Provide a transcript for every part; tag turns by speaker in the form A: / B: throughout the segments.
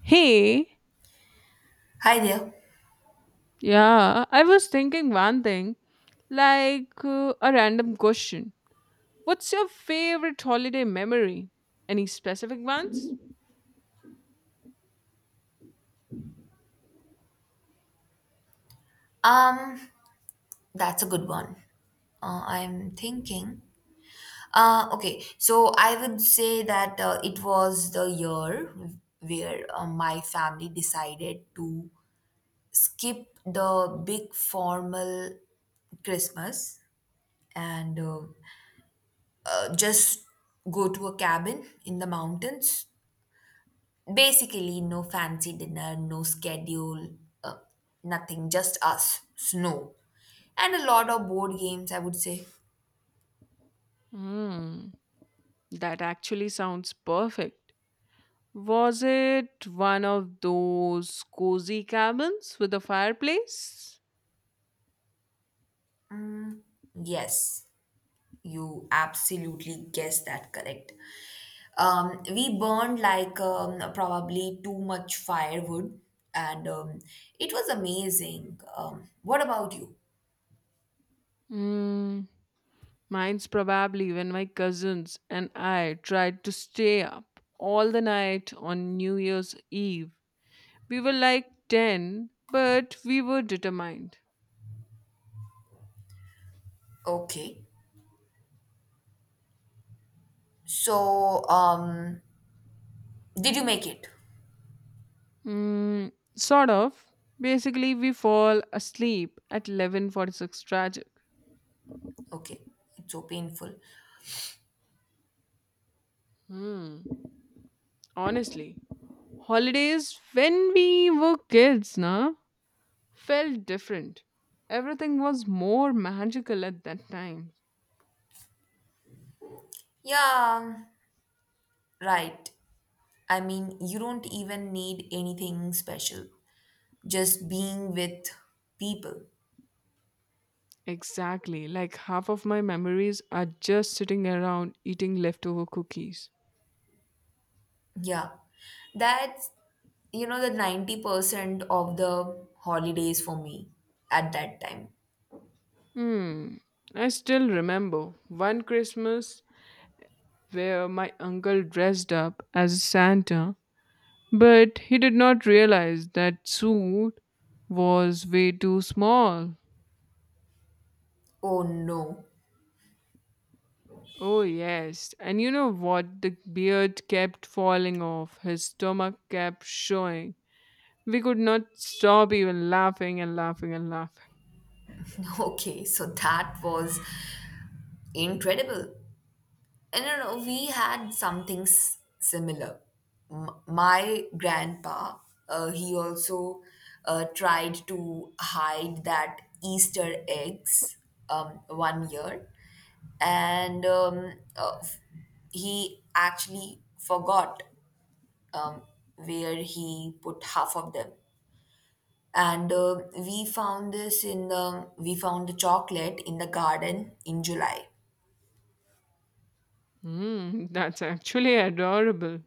A: Hey,
B: Hi there.
A: yeah, I was thinking one thing, like a random question. What's your favorite holiday memory? Any specific ones?
B: Um, that's a good one. I'm thinking. Okay, so I would say that it was the year where my family decided to skip the big formal Christmas and just go to a cabin in the mountains. Basically, no fancy dinner, no schedule, uh, nothing, just us, snow, and a lot of board games, I would say.
A: Hmm, that actually sounds perfect. Was it one of those cozy cabins with a fireplace?
B: Yes, you absolutely guessed that correct. We burned like probably too much firewood, and it was amazing. What about you?
A: Mm, mine's probably when my cousins and I tried to stay up all the night on New Year's Eve. We were like 10, but we were determined.
B: Okay, so did you make it?
A: Mm, sort of. Basically, we fall asleep at 11:46 tragic.
B: Okay, it's so painful.
A: Hmm. Honestly, holidays when we were kids, na? Felt different. Everything was more magical at that time.
B: Yeah, right. I mean, you don't even need anything special, just being with people.
A: Exactly, like half of my memories are just sitting around eating leftover cookies.
B: Yeah, that's the 90% of the holidays for me at that time.
A: Hmm, I still remember one Christmas where my uncle dressed up as Santa, but he did not realize that suit was way too small.
B: Oh no.
A: Oh, yes. And you know what? The beard kept falling off, his stomach kept showing. We could not stop even laughing and laughing and laughing.
B: Okay, so that was incredible. And you know, we had something similar. My grandpa, he also tried to hide that Easter eggs one year, and he actually forgot um, where he put half of them, and we found this in the we found the chocolate in the garden in July.
A: Mm, that's actually adorable.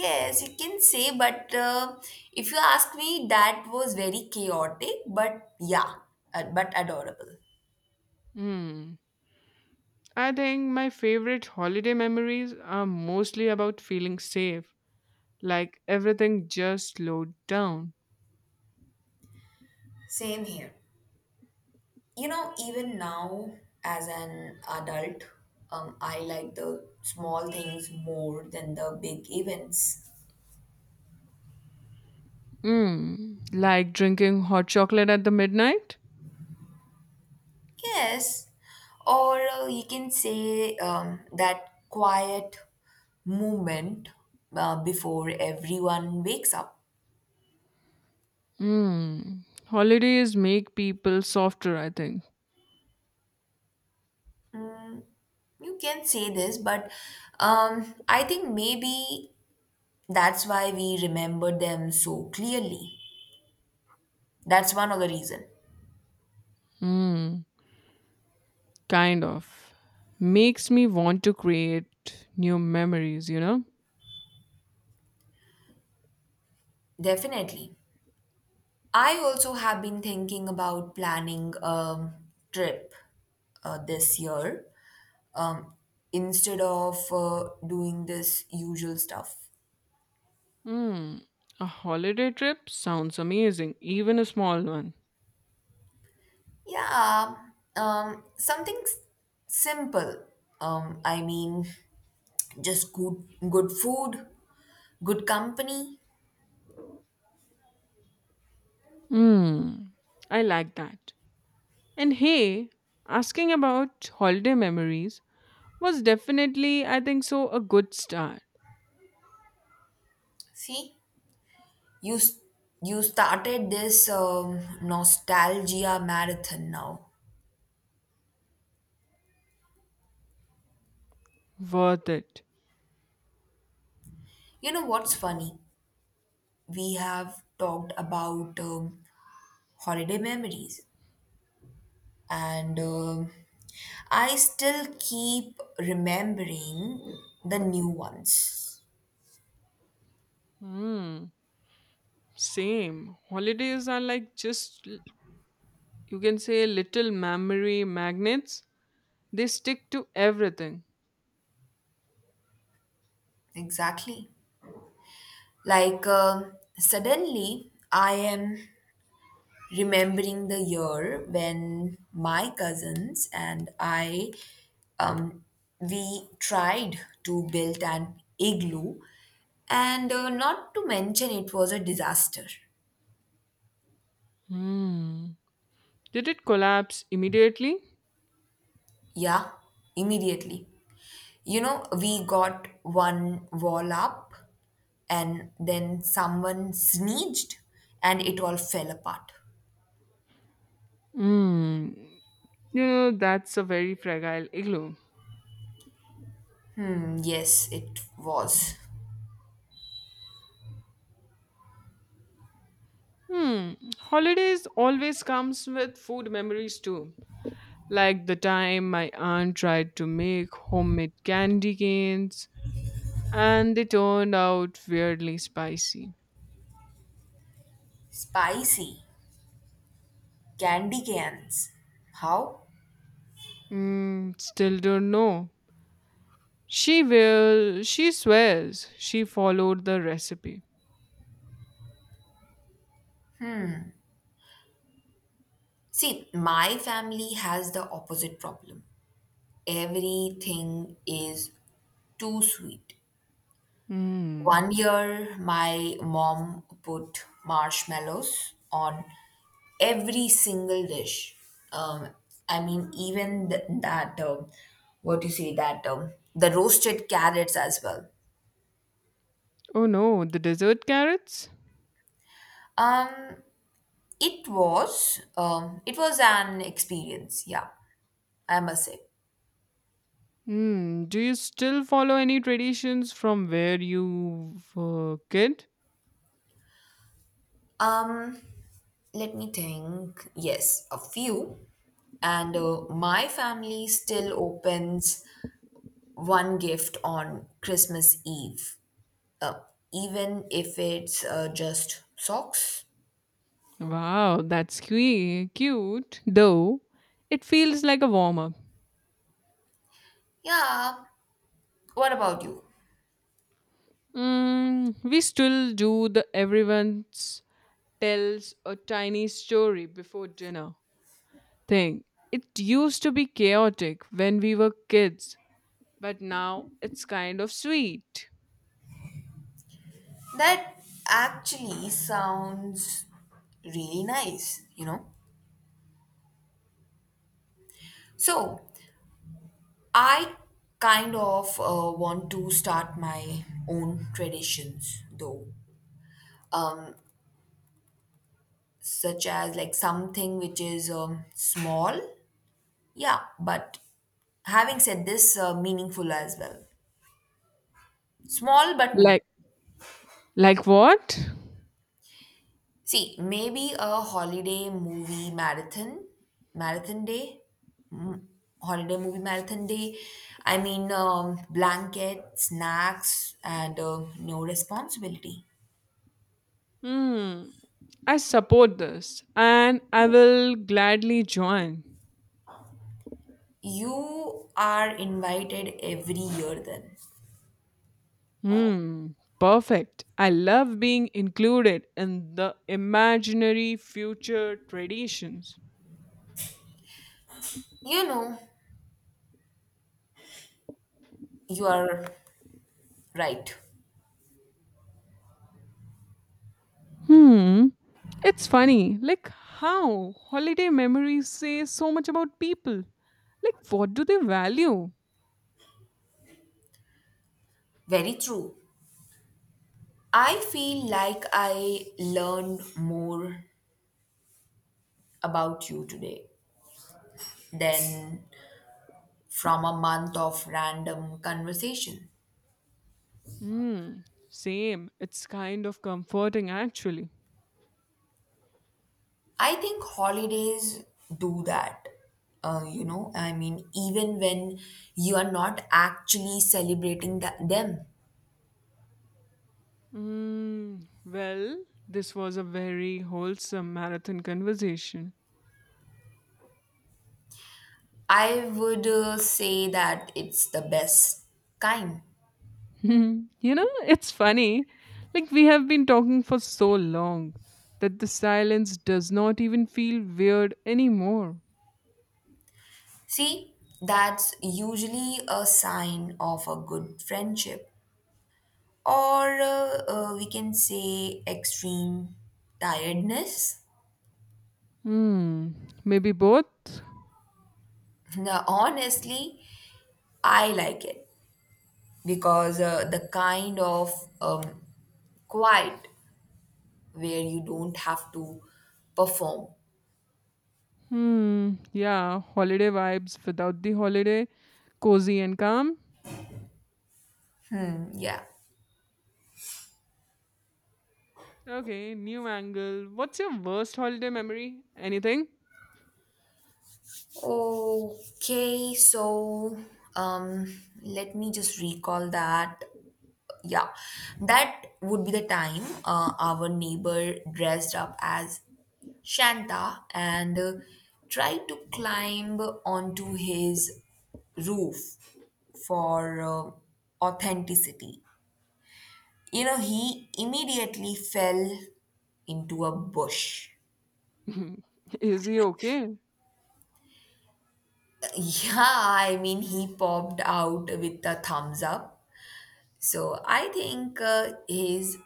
B: Yes, you can say, but if you ask me that was very chaotic, but yeah, but adorable.
A: Mm. I think my favorite holiday memories are mostly about feeling safe, like everything just slowed down.
B: Same here. You know, even now as an adult, I like the small things more than the big events.
A: Mm. Like drinking hot chocolate at the midnight.
B: Yes, or you can say that quiet moment before everyone wakes up.
A: Mm. Holidays make people softer, I think.
B: You can say this, but I think maybe that's why we remember them so clearly. That's one of the reason.
A: Mm. Kind of. Makes me want to create new memories, you know?
B: Definitely. I also have been thinking about planning a trip this year, um, instead of doing this usual stuff.
A: Hmm, a holiday trip sounds amazing, even a small one.
B: Yeah, something simple. I mean, just good, good food, good company.
A: Hmm, I like that. And hey, asking about holiday memories was definitely, I think so, a good start.
B: See, you s- you started this nostalgia marathon now.
A: Worth it.
B: You know what's funny? We have talked about holiday memories. And I still keep remembering the new ones.
A: Hmm, same. Holidays are like just, you can say, little memory magnets. They stick to everything.
B: Exactly. Like suddenly, I am remembering the year when my cousins and I um, we tried to build an igloo, and not to mention it was a disaster.
A: Hmm. Did it collapse immediately?
B: Yeah, immediately. You know, we got one wall up and then someone sneezed and it all fell apart.
A: Hmm. You know, that's a very fragile igloo.
B: Hmm, yes, it was.
A: Hmm. Holidays always comes with food memories too. Like the time my aunt tried to make homemade candy canes and they turned out weirdly spicy.
B: Spicy. Candy cans. How?
A: Mm, still don't know. She swears she followed the recipe.
B: See, my family has the opposite problem. Everything is too sweet.
A: Hmm.
B: One year, my mom put marshmallows on every single dish. Um, I mean, even that, what do you say, that the roasted carrots as well.
A: Oh no, the dessert carrots?
B: Um, it was, it was an experience. Yeah, I must say.
A: Hmm. Do you still follow any traditions from where you were kid?
B: Um, Let me think. Yes, a few. And my family still opens one gift on Christmas Eve, uh, even if it's just socks.
A: Wow, that's cute, cute though. It feels like a warm up.
B: Yeah, what about you?
A: Mm, we still do the everyone tells a tiny story before dinner thing. It used to be chaotic when we were kids, but now it's kind of sweet.
B: That actually sounds really nice, you know? So, I kind of want to start my own traditions though, such as like something which is small, yeah, but having said this, meaningful as well. Small but meaningful.
A: Like, like what?
B: See, maybe a holiday movie marathon day, Mm, holiday movie marathon day. I mean, blanket, snacks, and no responsibility.
A: Hmm, I support this and I will gladly join.
B: You are invited every year then.
A: Hmm, perfect. I love being included in the imaginary future traditions.
B: You know, you are right.
A: Hmm, it's funny, like how holiday memories say so much about people. Like, what do they value?
B: Very true. I feel like I learned more about you today than from a month of random conversation.
A: Hmm, same. It's kind of comforting, actually.
B: I think holidays do that. You know, I mean, even when you are not actually celebrating that them,
A: Hmm, well, this was a very wholesome marathon conversation.
B: I would say that it's the best kind.
A: Hmm, you know, it's funny. Like, we have been talking for so long that the silence does not even feel weird anymore.
B: See, that's usually a sign of a good friendship, or we can say extreme tiredness.
A: Hmm. Maybe both?
B: Now, honestly, I like it because the kind of um, quiet where you don't have to perform.
A: Hmm. Yeah, holiday vibes without the holiday, cozy and calm.
B: Yeah.
A: Okay, new angle. What's your worst holiday memory? Anything?
B: Okay, so let me just recall that. Yeah, that would be the time our neighbor dressed up as Shanta and tried to climb onto his roof for authenticity. You know, he immediately fell into a bush.
A: Is he okay?
B: Yeah, I mean, he popped out with a thumbs up. So I think his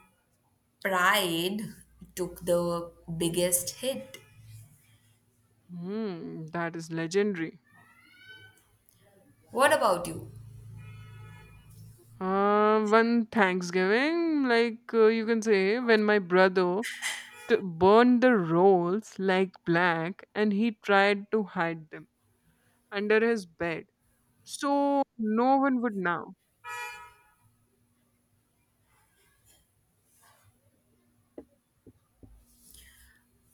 B: pride took the biggest hit.
A: Hmm. That is legendary.
B: What about you?
A: One Thanksgiving, like you can say, when my brother burned the rolls like black and he tried to hide them under his bed. So no one would know.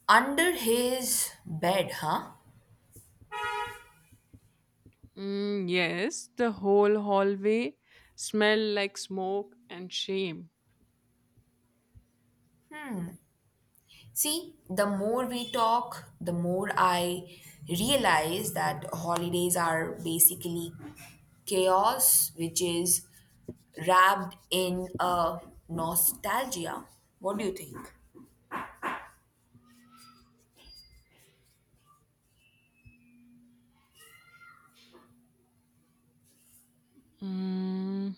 B: Under his bed, huh?
A: Mm, yes, the whole hallway smelled like smoke and shame.
B: See, the more we talk, the more I realize that holidays are basically chaos, which is wrapped in a nostalgia. What do you think?
A: Mm,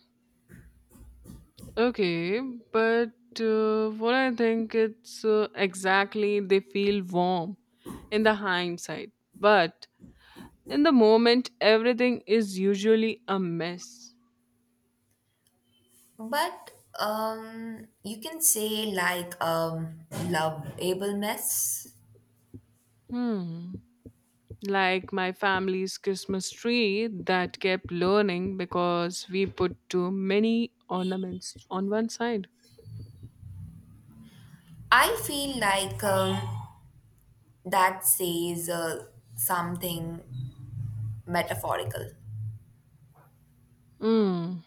A: okay, but what I think it's exactly they feel warm in the hindsight, but in the moment, everything is usually a mess.
B: But you can say like loveableness.
A: Hmm. Like my family's Christmas tree that kept learning because we put too many ornaments on one side.
B: I feel like that says something metaphorical.
A: Hmm.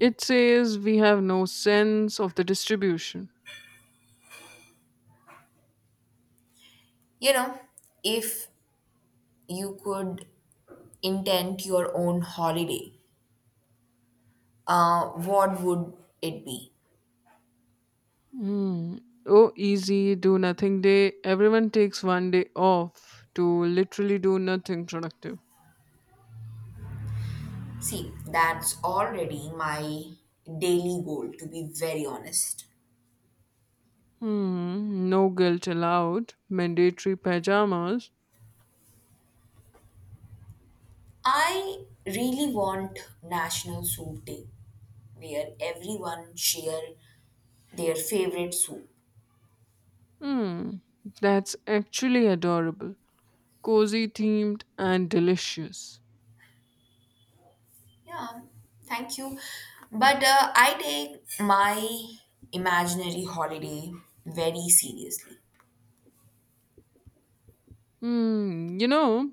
A: It says we have no sense of the distribution.
B: You know, if you could intend your own holiday, what would it be?
A: Hmm. Oh, easy, do nothing day. Everyone takes one day off to literally do nothing productive.
B: See, that's already my daily goal, to be very honest.
A: Hmm. No guilt allowed. Mandatory pajamas.
B: I really want National Soup Day where everyone share their favorite soup.
A: Hmm, that's actually adorable. Cozy themed and delicious.
B: Yeah, thank you. But I take my imaginary holiday very seriously.
A: Hmm, you know,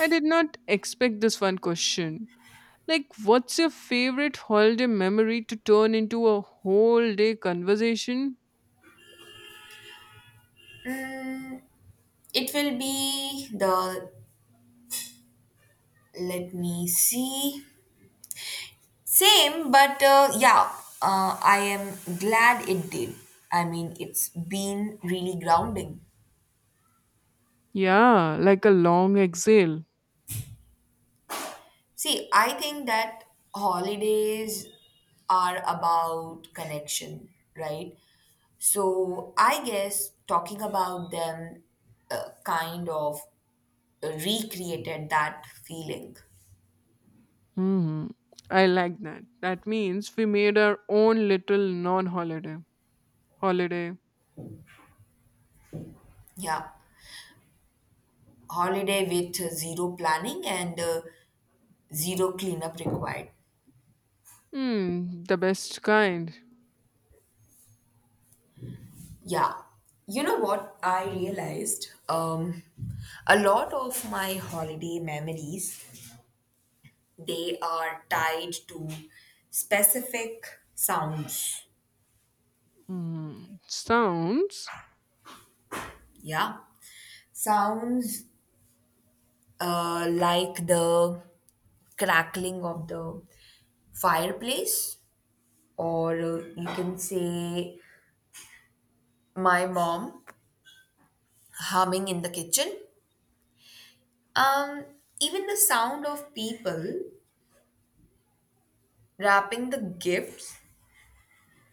A: I did not expect this one question. Like, what's your favorite holiday memory to turn into a whole day conversation?
B: It will be the, let me see, same, but yeah, I am glad it did. I mean it's been really grounding.
A: Yeah, like a long exhale.
B: See, I think that holidays are about connection, right? So I guess talking about them kind of recreated that feeling.
A: Hmm, I like that. That means we made our own little non holiday. Holiday.
B: Yeah. Holiday with zero planning and zero cleanup required.
A: Hmm, the best kind.
B: Yeah. You know what I realized? A lot of my holiday memories they are tied to specific sounds.
A: Hmm, sounds.
B: Yeah. Sounds like the crackling of the fireplace, or you can say my mom humming in the kitchen. Um, Even the sound of people wrapping the gifts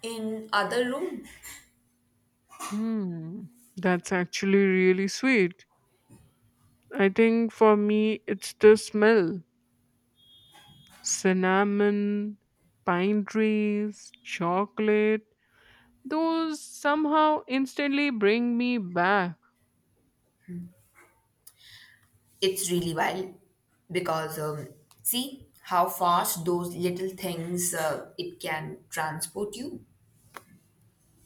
B: in other room.
A: Hmm, that's actually really sweet. I think for me, it's the smell cinnamon, pine trees, chocolate. Those somehow instantly bring me back.
B: It's really wild because see how fast those little things it can transport you.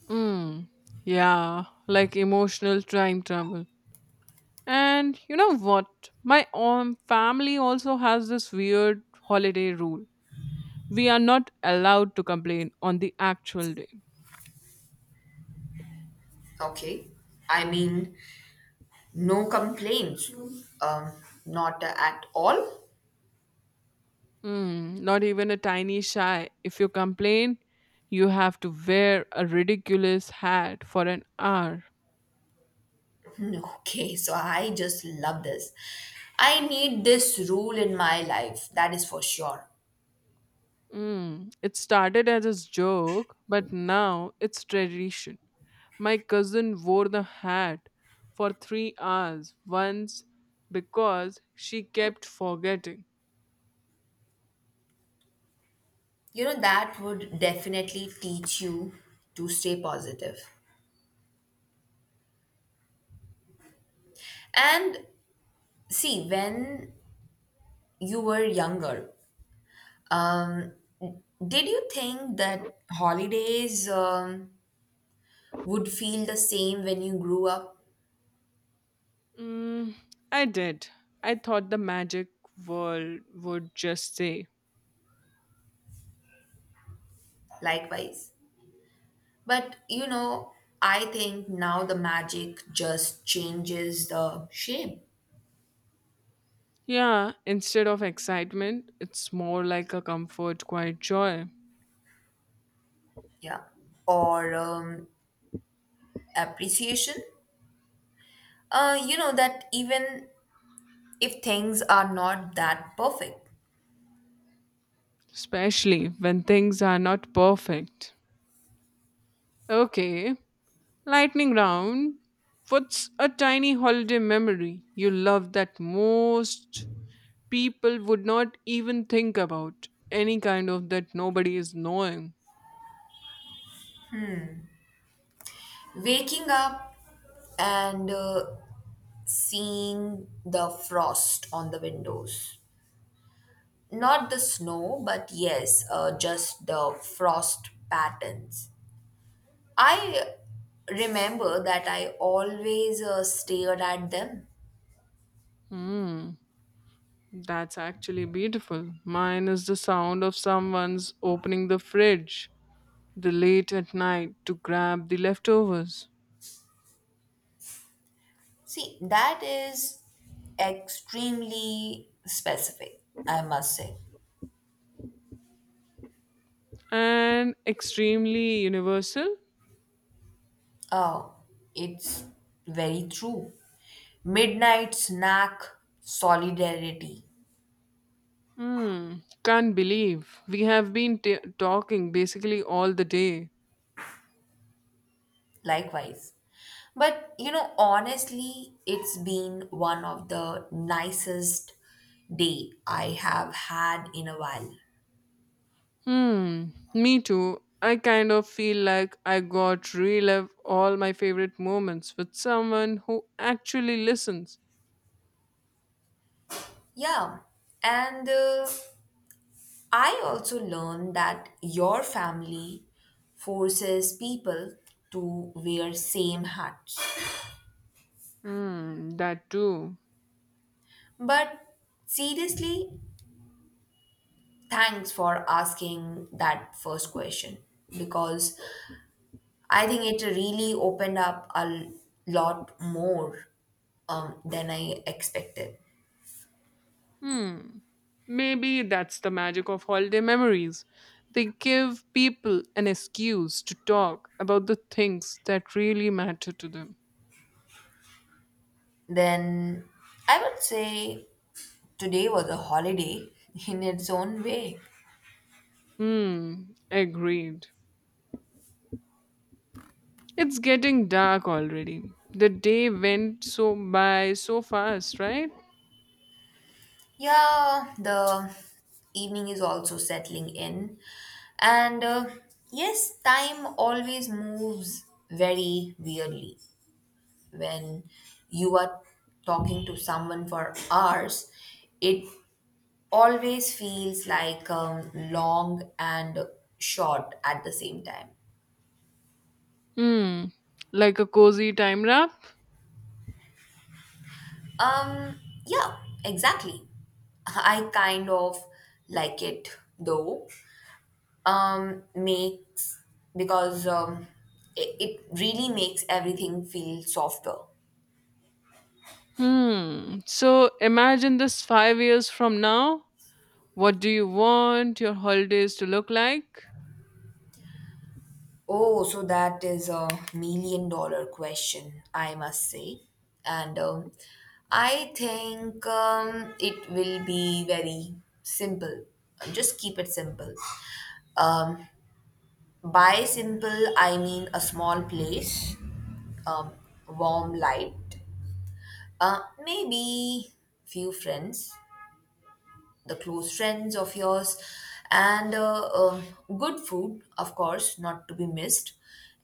A: Mm, yeah, like emotional time travel. And you know what? My own family also has this weird holiday rule. We are not allowed to complain on the actual day.
B: Okay, I mean no complaints, um, not at all.
A: Mm, not even a tiny shy. If you complain, you have to wear a ridiculous hat for an hour.
B: Hmm, okay, so I just love this. I need this rule in my life. That is for sure.
A: Mm, it started as a joke, but now it's tradition. My cousin wore the hat for 3 hours once because she kept forgetting.
B: You know that would definitely teach you to stay positive. And see, when you were younger, um, did you think that holidays would feel the same when you grew up?
A: Mm, I did. I thought the magic world would just say.
B: Likewise. But you know, I think now the magic just changes the shape,
A: Yeah, instead of excitement, it's more like a comfort, quiet joy,
B: yeah, or appreciation. You know, that even if things are not that perfect,
A: especially when things are not perfect. Okay, lightning round. What's a tiny holiday memory you love that most people would not even think about? Any kind of that nobody is knowing.
B: waking up and seeing the frost on the windows. Not the snow, but yes, just the frost patterns. I remember that I always stared at them.
A: Hmm, that's actually beautiful. Mine is the sound of someone's opening the fridge the late at night to grab the leftovers.
B: See, that is extremely specific, I must say.
A: And extremely universal.
B: Oh, it's very true. Midnight snack solidarity,
A: Hmm, can't believe we have been talking basically all the day.
B: likewise. But you know, honestly, it's been one of the nicest day I have had in a while.
A: Hmm, me too. I kind of feel like I got relive all my favorite moments with someone who actually listens.
B: Yeah, and I also learned that your family forces people to wear same hats.
A: Hmm, that too.
B: But seriously, thanks for asking that first question because I think it really opened up a lot more than I expected.
A: Hmm, maybe that's the magic of holiday memories. They give people an excuse to talk about the things that really matter to them.
B: Then I would say today was a holiday in its own way.
A: Hmm, agreed. It's getting dark already. The day went so by so fast, right?
B: Yeah, the evening is also settling in. And yes, time always moves very weirdly. When you are talking to someone for hours, it always feels like long and short at the same time.
A: Hmm, like a cozy time wrap?
B: Um, yeah, exactly. I kind of like it though. Makes because it really makes everything feel softer.
A: Hmm, so imagine this 5 years from now. What do you want your holidays to look like?
B: Oh, so that is a million dollar question, I must say. And I think it will be very simple. Just keep it simple. Um, by simple, I mean a small place, um, warm light, maybe few friends, the close friends of yours, and good food, of course, not to be missed,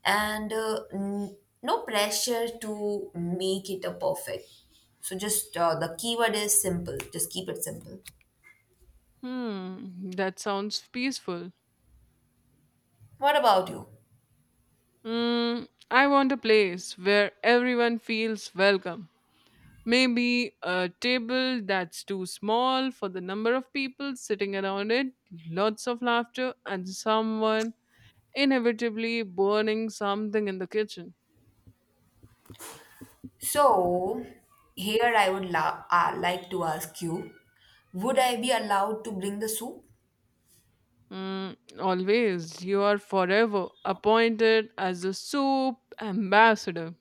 B: and no pressure to make it a perfect. So just the keyword is simple. Just keep it simple.
A: Hmm, that sounds peaceful.
B: What about you?
A: Mm, I want a place where everyone feels welcome. Maybe a table that's too small for the number of people sitting around it, lots of laughter, and someone inevitably burning something in the kitchen.
B: So here I would like to ask you, would I be allowed to bring the soup?
A: Mm, always, you are forever appointed as a soup ambassador.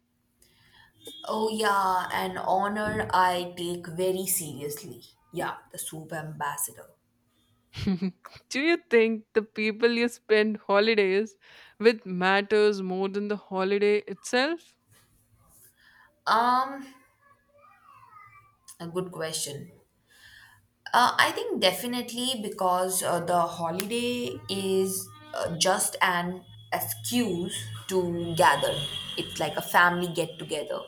B: Oh yeah, an honor I take very seriously. Yeah, the soup ambassador.
A: Do you think the people you spend holidays with matters more than the holiday itself?
B: Um, A good question. I think definitely because the holiday is just an excuse to gather. It's like a family get together.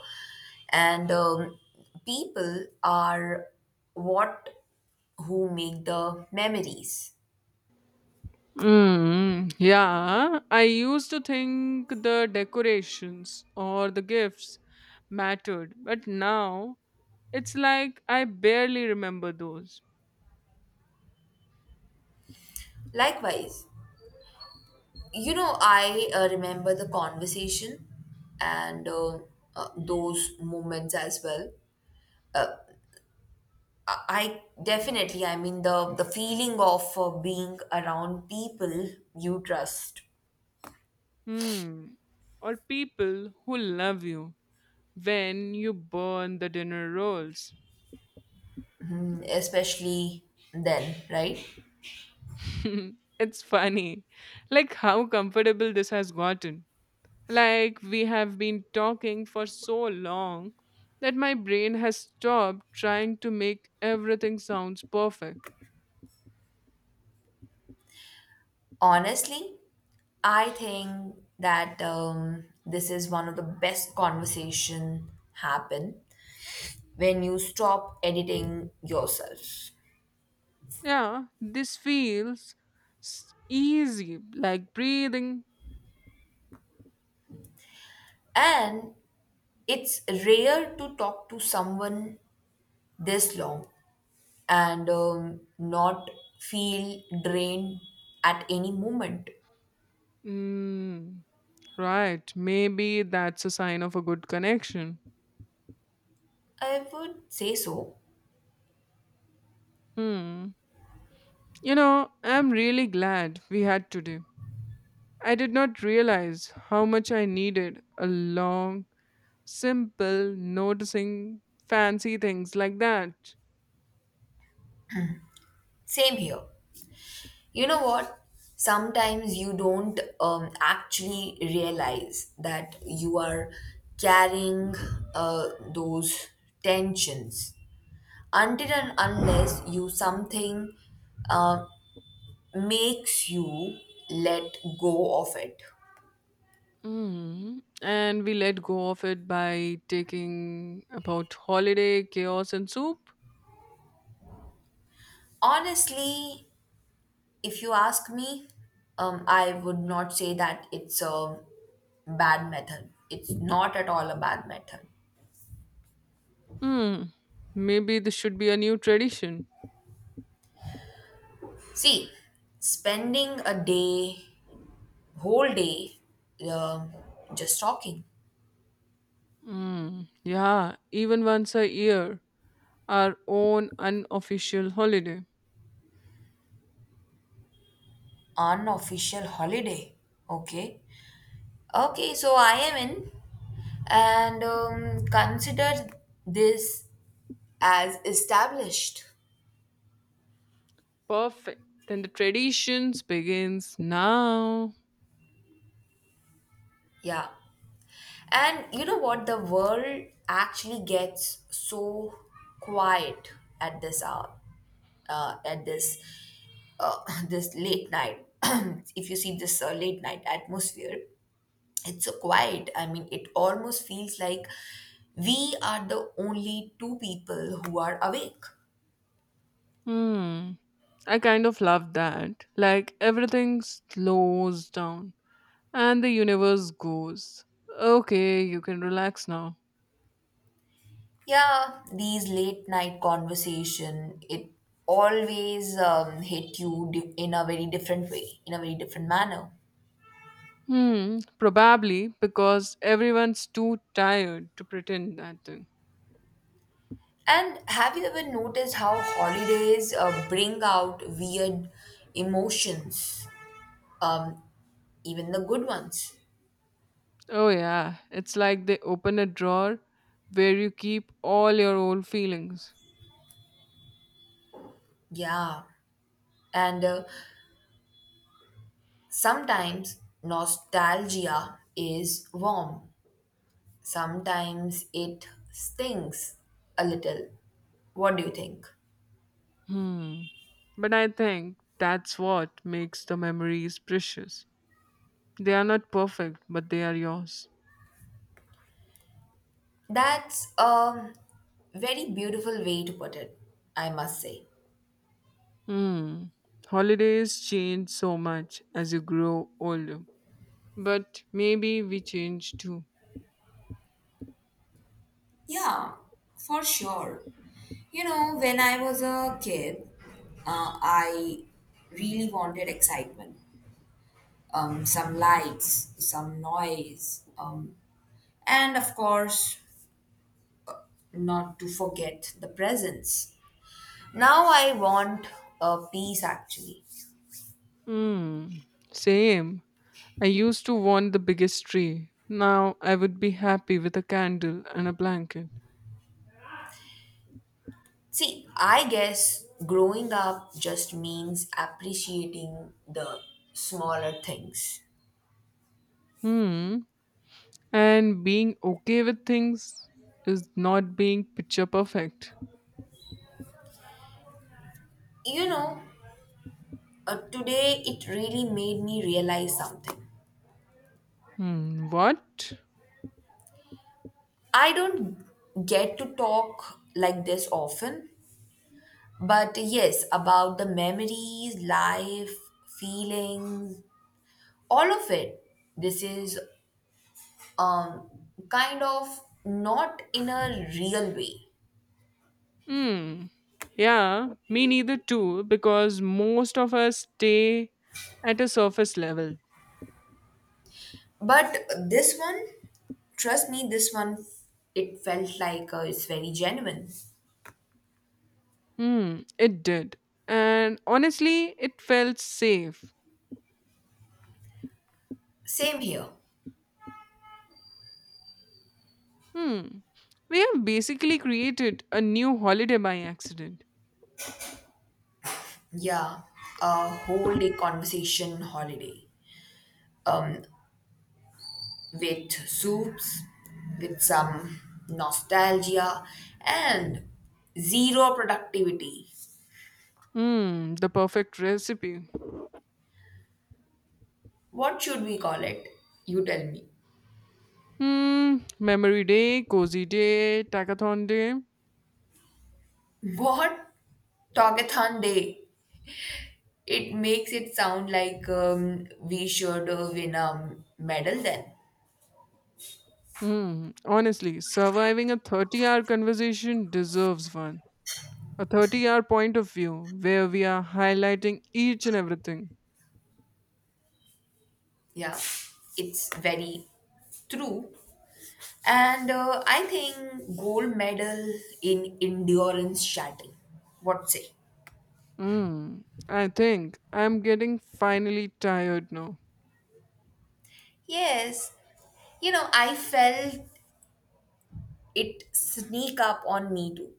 B: And people are what who make the memories.
A: Mm, yeah, I used to think the decorations or the gifts mattered, but now it's like I barely remember those.
B: Likewise, you know, I remember the conversation and those moments as well. I definitely, I mean, the feeling of being around people you trust,
A: Hmm. Or people who love you when you burn the dinner rolls.
B: especially then, right?
A: It's funny, like how comfortable this has gotten. Like we have been talking for so long that my brain has stopped trying to make everything sounds perfect.
B: Honestly, I think that this is one of the best conversation happen when you stop editing yourself.
A: Yeah, this feels easy, like breathing.
B: And it's rare to talk to someone this long and not feel drained at any moment.
A: Mm, right, maybe that's a sign of a good connection.
B: I would say so.
A: Hmm. You know, I'm really glad we had today. I did not realize how much I needed a long simple, noticing fancy things like that.
B: Same here. You know what? Sometimes you don't actually realize that you are carrying those tensions until and unless you something uh, makes you let go of it.
A: Hmm. And we let go of it by taking about holiday, chaos, and soup.
B: Honestly, if you ask me, I would not say that it's a bad method. It's not at all a bad method.
A: Hmm. Maybe this should be a new tradition.
B: See, spending a day, whole day, um, just talking.
A: Mm. Yeah, even once a year, our own unofficial holiday.
B: Unofficial holiday. Okay. Okay, so I am in. And consider this as established.
A: Perfect. Then the traditions begins now.
B: Yeah. And you know what? The world actually gets so quiet at this hour, at this uh, this late night, if you see this late night atmosphere, it's so quiet. I mean, it almost feels like we are the only two people who are awake.
A: Hmm. I kind of love that. Like everything slows down. And the universe goes, okay, you can relax now.
B: Yeah, these late night conversation it always hit you in a very different way, in a very different manner.
A: Hmm, probably because everyone's too tired to pretend that thing.
B: And have you ever noticed how holidays bring out weird emotions, um, even the good ones?
A: Oh, yeah, it's like they open a drawer where you keep all your old feelings.
B: Yeah, and sometimes nostalgia is warm. Sometimes it stings a little. What do you think?
A: Hmm. But I think that's what makes the memories precious. They are not perfect, but they are yours.
B: That's a very beautiful way to put it, I must say.
A: Hmm. Holidays change so much as you grow older. But maybe we change too.
B: Yeah, for sure. You know, when I was a kid, I really wanted excitement, some lights, some noise, and of course, not to forget the presents. Now I want a peace actually.
A: Mm, same. I used to want the biggest tree. Now I would be happy with a candle and a blanket.
B: See, I guess growing up just means appreciating the smaller things.
A: Hmm. And being okay with things is not being picture perfect.
B: You know, today it really made me realize something.
A: Hmm. What?
B: I don't get to talk like this often, but yes, about the memories, life, feelings, all of it. This is um, kind of not in a real way.
A: Hmm. Yeah, me neither too, because most of us stay at a surface level.
B: But this one, trust me, this one, it felt like it's very genuine.
A: Hmm. It did. And honestly, it felt safe.
B: Same here.
A: Hmm. We have basically created a new holiday by accident.
B: Yeah, a whole day conversation holiday. Um, with soups, with some nostalgia, and zero productivity.
A: Hmm. The perfect recipe.
B: What should we call it? You tell me.
A: Hmm. Memory day, cozy day, tackathon day.
B: What? Talkathon day. It makes it sound like we should win a medal then.
A: Hmm. Honestly, surviving a 30-hour conversation deserves one. A 30-hour point of view where we are highlighting each and everything.
B: Yeah, it's very true. And I think gold medal in endurance shuttle. What say?
A: Hmm. I think I'm getting finally tired now.
B: Yes, you know, I felt it sneak up on me too.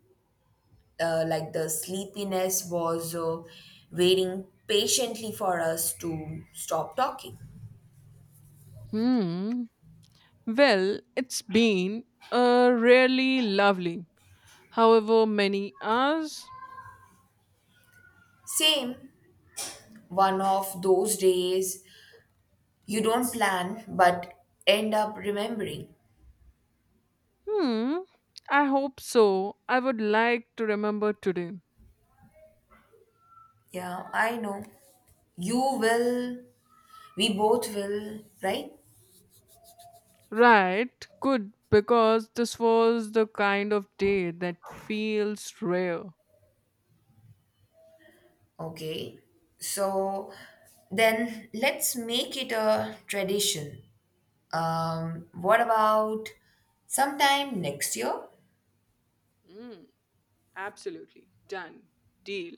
B: Like the sleepiness was waiting patiently for us to stop talking.
A: Hmm. Well, it's been a really lovely, however many hours.
B: Same, one of those days you don't plan but end up remembering.
A: Hmm. I hope so. I would like to remember today.
B: Yeah, I know. You will We both will, right?
A: Right. Good. Because this was the kind of day that feels rare.
B: Okay. So then let's make it a tradition. What about sometime next year?
A: Mm, absolutely. Done. Deal.